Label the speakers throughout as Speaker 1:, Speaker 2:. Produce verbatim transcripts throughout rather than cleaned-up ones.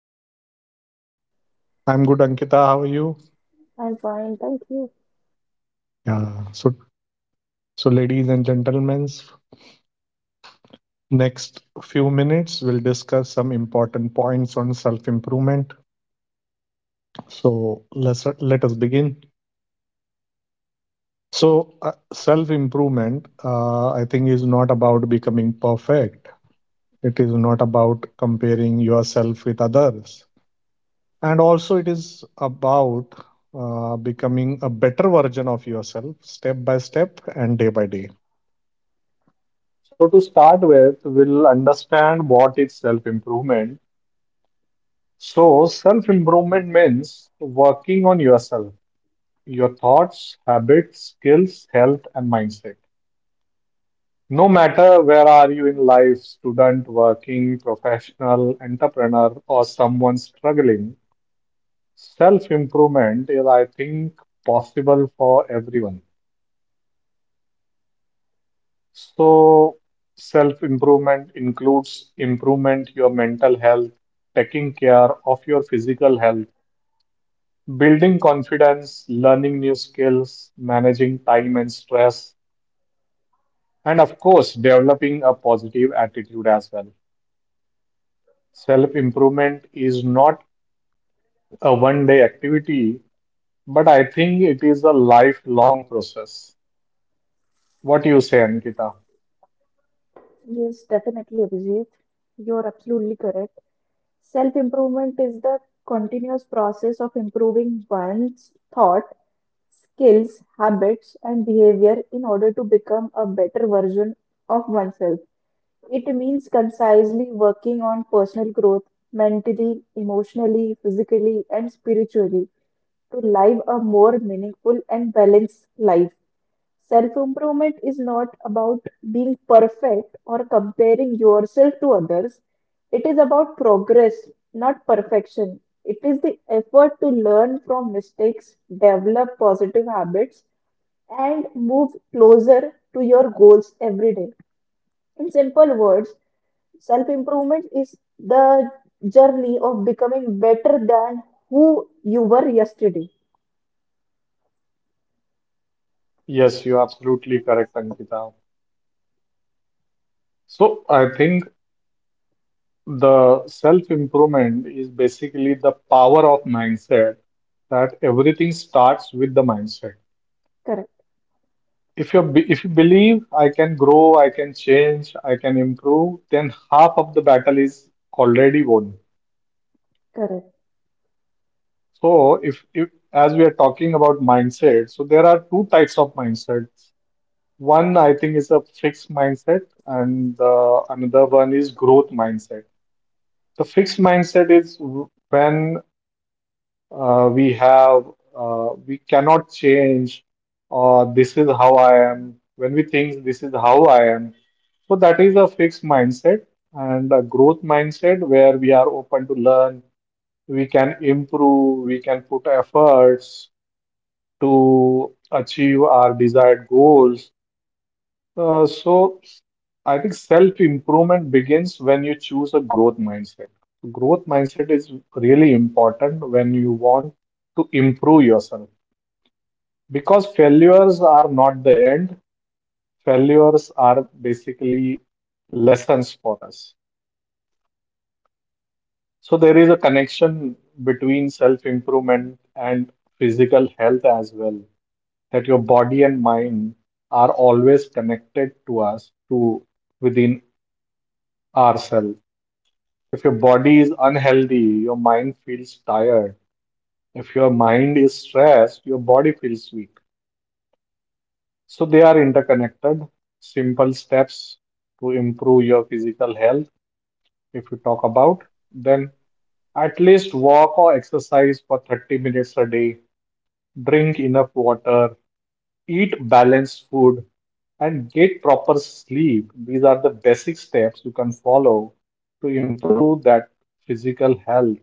Speaker 1: How are you doing?
Speaker 2: I'm good, Ankita. How are you?
Speaker 1: I'm fine, thank you.
Speaker 2: Yeah. So, so ladies and gentlemen, next few minutes, we'll discuss some important points on self improvement. So let's let us begin. So uh, self improvement, uh, I think, is not about becoming perfect. It is not about comparing yourself with others, and also it is about uh, becoming a better version of yourself, step by step and day by day. So to start with, we'll understand what is self-improvement. So, self improvement means working on yourself, your thoughts, habits, skills, health, and mindset. No matter where are you in life, student, working, professional, entrepreneur, or someone struggling, self improvement is, I think, possible for everyone. So, self improvement includes improvement your mental health, taking care of your physical health, building confidence, learning new skills, managing time and stress, and of course, developing a positive attitude as well. Self improvement is not a one day activity, but I think it is a lifelong process. What do you say, Ankita?
Speaker 1: Yes, definitely, Abhijit. You're absolutely correct. Self improvement is the continuous process of improving one's thought, skills, habits, and behavior in order to become a better version of oneself. It means concisely working on personal growth mentally, emotionally, physically, and spiritually to live a more meaningful and balanced life. Self improvement is not about being perfect or comparing yourself to others. It is about progress, not perfection. It is the effort to learn from mistakes, develop positive habits, and move closer to your goals every day. In simple words, self improvement is the journey of becoming better than who you were yesterday.
Speaker 2: Yes, you're absolutely correct, Ankita. So I think the self improvement is basically the power of mindset that everything starts with the mindset.
Speaker 1: Correct,
Speaker 2: If you if you believe I can grow, I can change, I can improve, then half of the battle is already won.
Speaker 1: correct,
Speaker 2: So if, if as we are talking about mindset, so there are two types of mindsets. One I think is a fixed mindset, and uh, another one is growth mindset. The fixed mindset is when uh, we have uh, we cannot change or this is how I am, when we think this is how I am so that is a fixed mindset, and a growth mindset where we are open to learn, we can improve, we can put efforts to achieve our desired goals. Uh, so I think self-improvement begins when you choose a growth mindset. So, growth mindset is really important when you want to improve yourself because failures are not the end. Failures are basically lessons for us. So there is a connection between self-improvement and physical health as well, that your body and mind are always connected to us to within ourselves. If your body is unhealthy, your mind feels tired. If your mind is stressed, your body feels weak. So they are interconnected. Simple steps to improve your physical health, if you talk about, then at least walk or exercise for thirty minutes a day, drink enough water, eat balanced food, and get proper sleep. These are the basic steps you can follow to improve that physical health,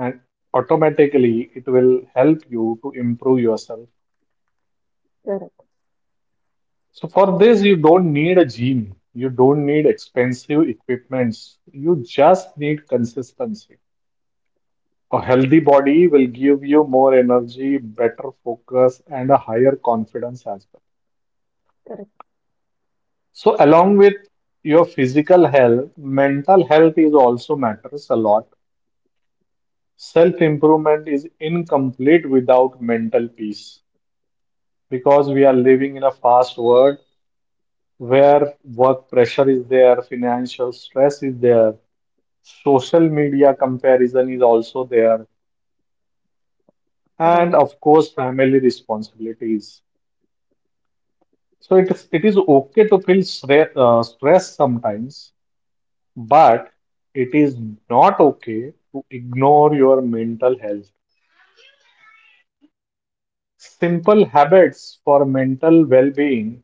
Speaker 2: and automatically it will help you to improve yourself.
Speaker 1: correct,
Speaker 2: So for this, you don't need a gym. You don't need expensive equipments. You just need consistency. A healthy body will give you more energy, better focus, and a higher confidence as well.
Speaker 1: correct.
Speaker 2: So along with your physical health, mental health is also matters a lot. Self improvement is incomplete without mental peace because we are living in a fast world where work pressure is there, financial stress is there, social media comparison is also there, and
Speaker 1: Right.
Speaker 2: of course, family responsibilities. So it is it is okay to feel stre- uh, stress sometimes, but it is not okay to ignore your mental health. Simple habits for mental well-being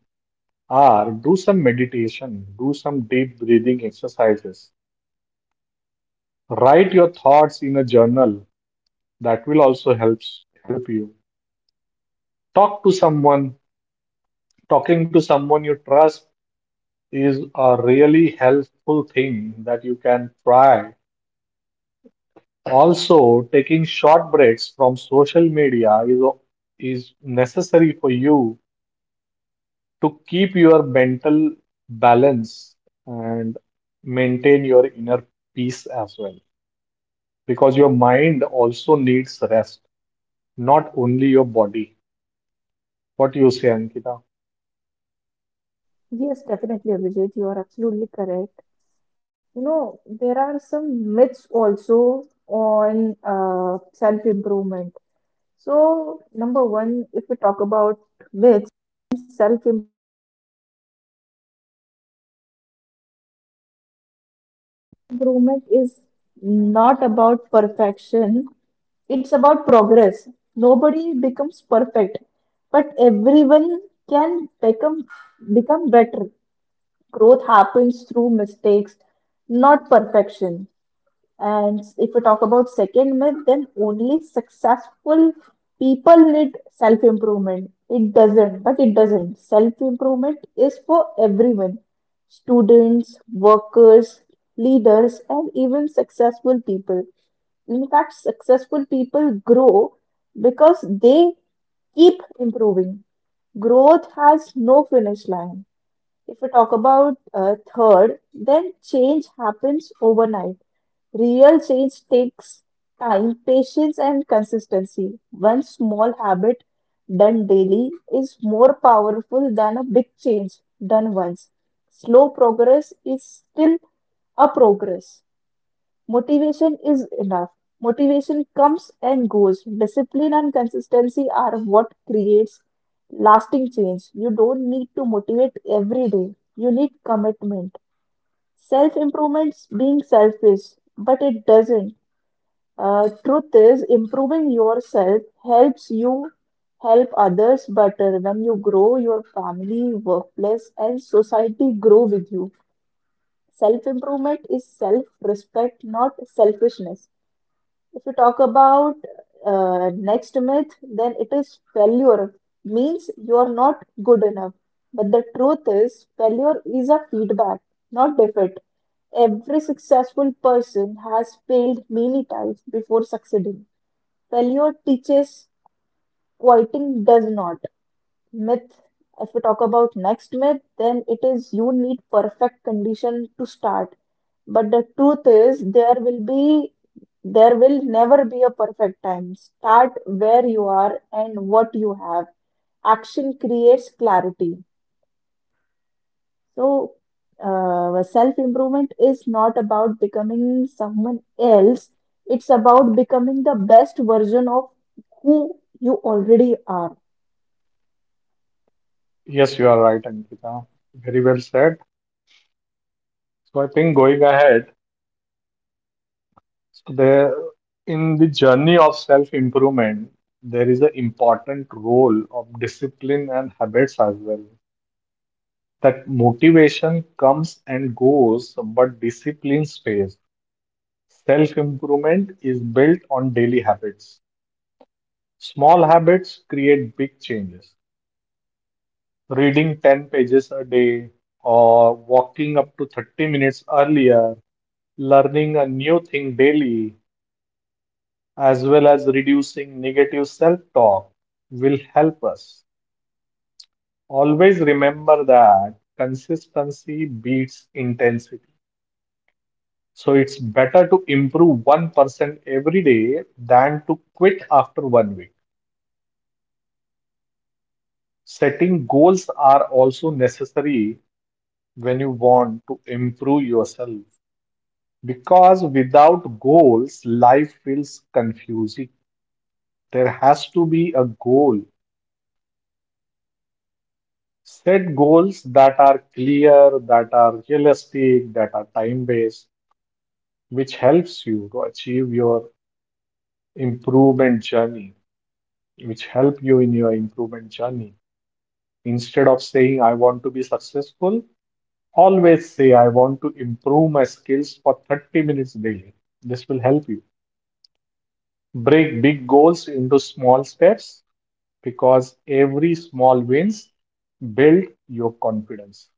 Speaker 2: are do some meditation, do some deep breathing exercises, write your thoughts in a journal, that will also helps help you. Talk to someone. Talking to someone you trust is a really helpful thing that you can try. Also, taking short breaks from social media is is necessary for you to keep your mental balance and maintain your inner peace as well, because your mind also needs rest, not only your body. What do you say, Ankita?
Speaker 1: Yes, definitely, Abhijit. You are absolutely correct. You know, there are some myths also on uh, self-improvement. So, number one, if we talk about myths, self-improvement. Improvement is not about perfection, it's about progress. Nobody becomes perfect, but everyone can become become better. Growth happens through mistakes, not perfection. And if we talk about second myth, then only successful people need self improvement. It doesn't, but it doesn't. Self improvement is for everyone students, workers, leaders, and even successful people. In fact, successful people grow because they keep improving. Growth has no finish line. If we talk about uh, third, then change happens overnight. Real change takes time, patience, and consistency. One small habit done daily is more powerful than a big change done once. Slow progress is still a progress. Motivation is enough. Motivation comes and goes. Discipline and consistency are what creates lasting change. You don't need to motivate every day. You need commitment. Self improvement being selfish, but it doesn't. Uh, truth is, improving yourself helps you help others better when you grow your family, workplace, and society grow with you. Self improvement is self respect, not selfishness. If you talk about uh, next myth, then it is failure means you are not good enough. But the truth is, failure is a feedback, not defeat. Every successful person has failed many times before succeeding. Failure teaches, quitting does not. Myth, if we talk about next myth, then it is you need perfect condition to start. But the truth is there will be there will never be a perfect time. Start where you are and what you have. Action creates clarity. So uh, self improvement is not about becoming someone else. It's about becoming the best version of who you already are.
Speaker 2: Yes, you are right, Ankita. Very well said. So I think going ahead, so there in the journey of self-improvement, there is an important role of discipline and habits as well. That motivation comes and goes, but discipline stays. Self-improvement is built on daily habits. Small habits create big changes. Reading ten pages a day or walking up to thirty minutes earlier, learning a new thing daily, as well as reducing negative self talk, will help us. Always remember that consistency beats intensity. So it's better to improve one percent every day than to quit after one week. Setting goals are also necessary when you want to improve yourself because without goals, life feels confusing. There has to be a goal. Set goals that are clear, that are realistic, that are time-based, which helps you to achieve your improvement journey, which help you in your improvement journey. Instead of saying, I want to be successful, always say, I want to improve my skills for thirty minutes daily. This will help you. Break big goals into small steps because every small wins build your confidence.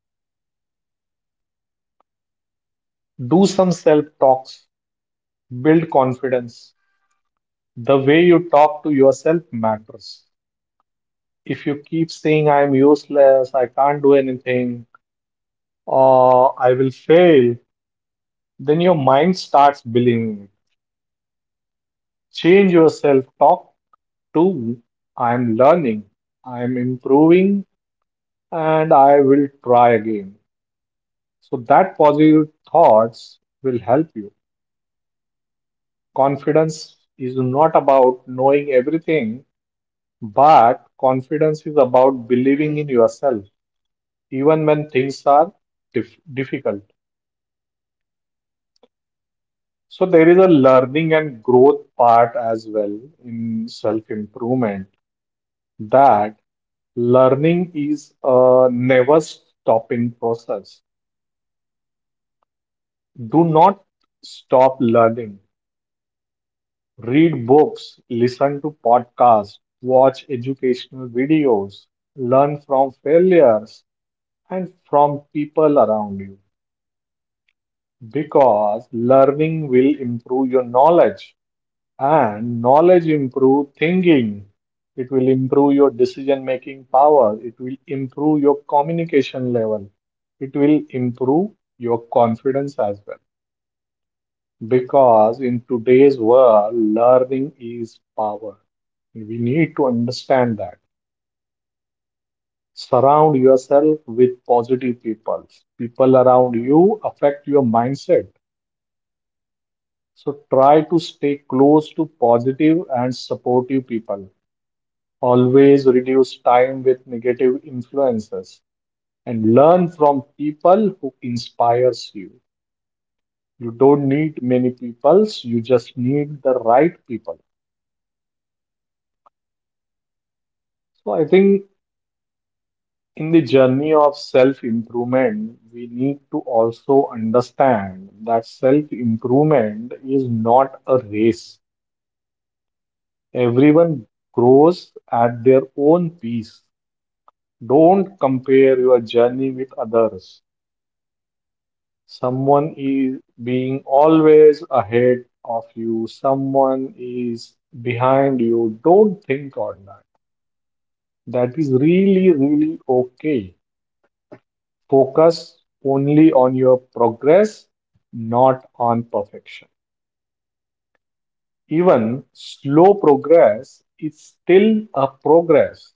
Speaker 2: Do some self talks. Build confidence. The way you talk to yourself matters. If you keep saying, I'm useless, I can't do anything, or I will fail, then your mind starts believing it. Change yourself talk to, I'm learning, I'm improving, and I will try again. So that positive thoughts will help you. Confidence is not about knowing everything, but confidence is about believing in yourself, even when things are dif difficult. So there is a learning and growth part as well in self-improvement, that learning is a never stopping process. Do not stop learning. Read books, listen to podcasts, watch educational videos, learn from failures and from people around you, because learning will improve your knowledge, and knowledge improve thinking. It will improve your decision making power. It will improve your communication level. It will improve your confidence as well. Because in today's world, learning is power. We need to understand that. Surround yourself with positive people. People around you affect your mindset. So try to stay close to positive and supportive people. Always reduce time with negative influences and learn from people who inspires you. You don't need many peoples, you just need the right people. So I think in the journey of self-improvement, we need to also understand that self-improvement is not a race. Everyone grows at their own pace. Don't compare your journey with others. Someone is being always ahead of you, someone is behind you. Don't think on that. That is really, really okay. Focus only on your progress, not on perfection. Even slow progress is still a progress.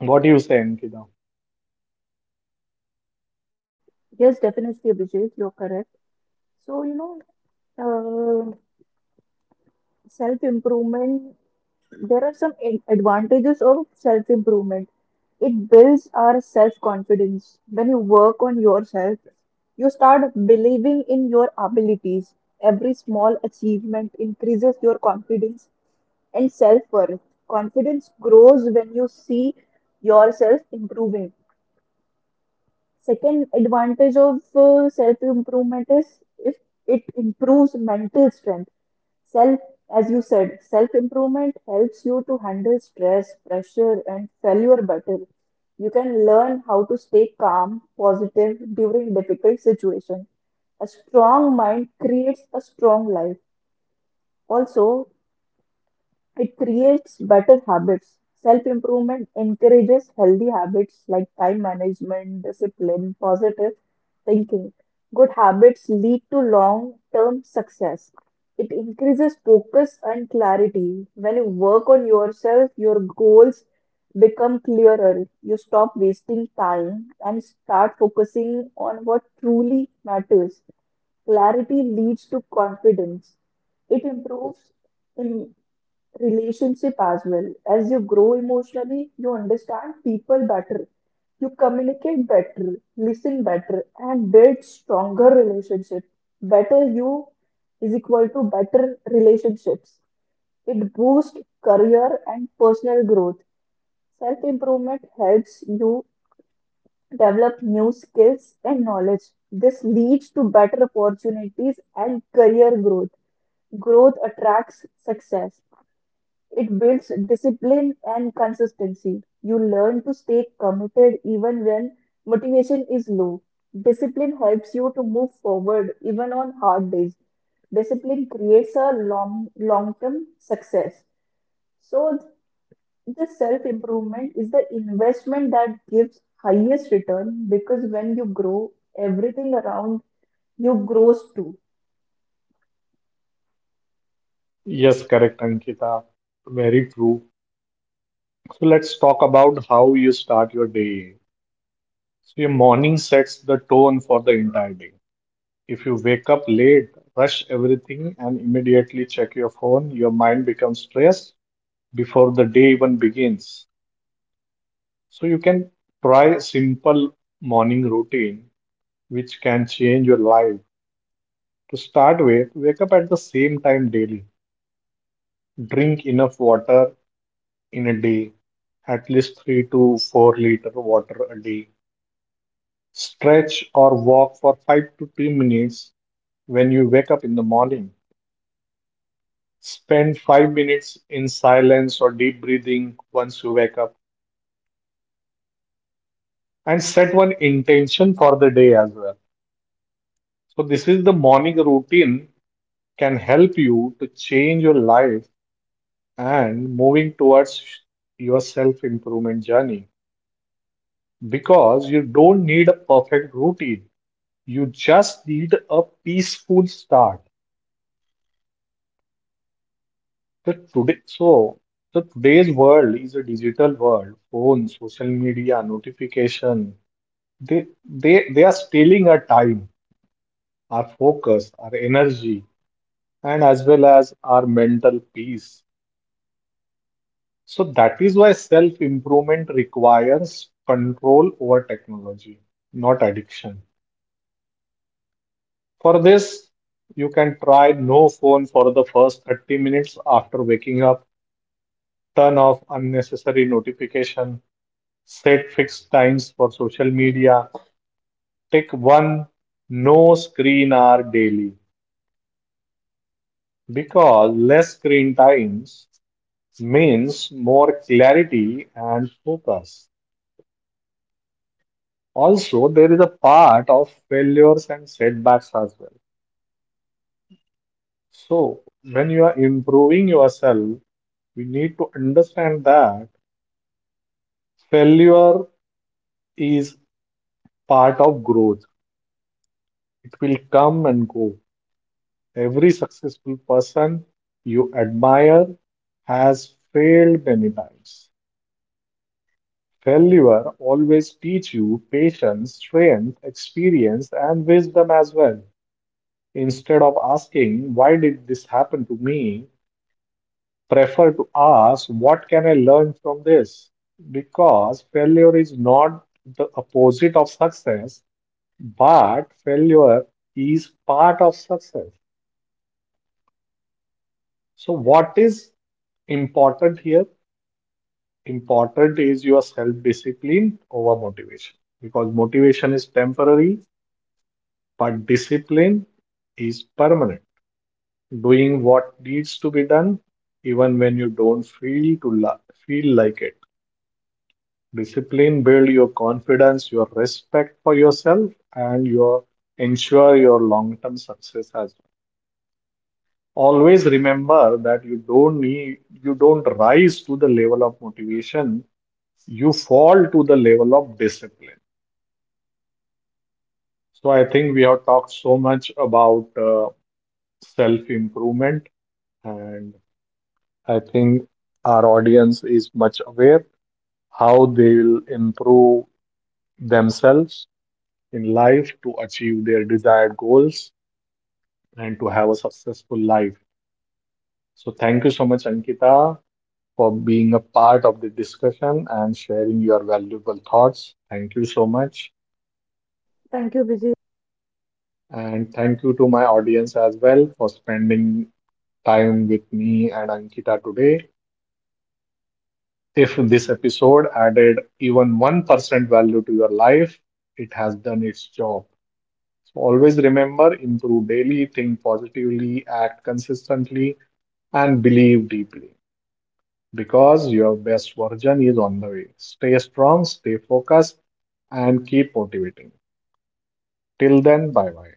Speaker 2: What do you say, Ankita?
Speaker 1: Yes, definitely, Abhijit, you're correct. So, you know, uh, self improvement, there are some ad- advantages of self improvement. It builds our self confidence. When you work on yourself, you start believing in your abilities. Every small achievement increases your confidence and self worth. Confidence grows when you see yourself improving. Second advantage of uh, self improvement is if it improves mental strength. Self, as you said, self improvement helps you to handle stress, pressure, and failure better. You can learn how to stay calm, positive during difficult situations. A strong mind creates a strong life. Also, it creates better habits. Self improvement encourages healthy habits like time management, discipline, positive thinking. Good habits lead to long term success. It increases focus and clarity. When you work on yourself, your goals become clearer. You stop wasting time and start focusing on what truly matters. Clarity leads to confidence. It improves in relationship as well. As you grow emotionally, you understand people better, you communicate better, listen better, and build stronger relationship. Better you is equal to better relationships. It boosts career and personal growth. Self improvement helps you develop new skills and knowledge. This leads to better opportunities and career growth. Growth attracts success. It builds discipline and consistency. You learn to stay committed even when motivation is low. Discipline helps you to move forward even on hard days. Discipline creates a long long term success. So this self improvement is the investment that gives highest return because when you grow, everything around you grows too.
Speaker 2: Yes, correct, Ankita. Very true. So let's talk about how you start your day. So your morning sets the tone for the entire day. If you wake up late, rush everything, and immediately check your phone, your mind becomes stressed before the day even begins. So you can try simple morning routine which can change your life. To start with, wake up at the same time daily. Drink enough water in a day, at least three to four liter water a day. Stretch or walk for five to ten minutes when you wake up in the morning. Spend five minutes in silence or deep breathing once you wake up, and set one intention for the day as well. So, this is the morning routine can help you to change your life and moving towards your self improvement journey, because you don't need a perfect routine, you just need a peaceful start. So today, so so today's world is a digital world. Phone, social media, notification. They they they are stealing our time, our focus, our energy, and as well as our mental peace. So that is why self-improvement requires control over technology, not addiction. For this, you can try no phone for the first thirty minutes after waking up, turn off unnecessary notification, set fixed times for social media, take one no screen hour daily, because less screen times means more clarity and focus. Also, there is a part of failures and setbacks as well. So, when you are improving yourself, we need to understand that failure is part of growth. It will come and go. Every successful person you admire has failed many times. Failure always teach you patience, strength, experience, and wisdom as well. Instead of asking, why did this happen to me? Prefer to ask, what can I learn from this? Because failure is not the opposite of success, but failure is part of success. So, what is important here? Important is your self-discipline over motivation, because motivation is temporary, but discipline is permanent. Doing what needs to be done, even when you don't feel to la- feel like it. Discipline builds your confidence, your respect for yourself, and your ensure your long-term success as well. Always remember that you don't need, you don't rise to the level of motivation, you fall to the level of discipline. So I think we have talked so much about uh, self-improvement, and I think our audience is much aware how they will improve themselves in life to achieve their desired goals and to have a successful life. So thank you so much, Ankita, for being a part of the discussion and sharing your valuable thoughts. Thank you so much.
Speaker 1: Thank you, Vijay.
Speaker 2: And thank you to my audience as well for spending time with me and Ankita today. If this episode added even one percent value to your life, it has done its job. So always remember improve daily, think positively, act consistently, and believe deeply because your best version is on the way. Stay strong, stay focused, and keep motivating. Till then, bye bye.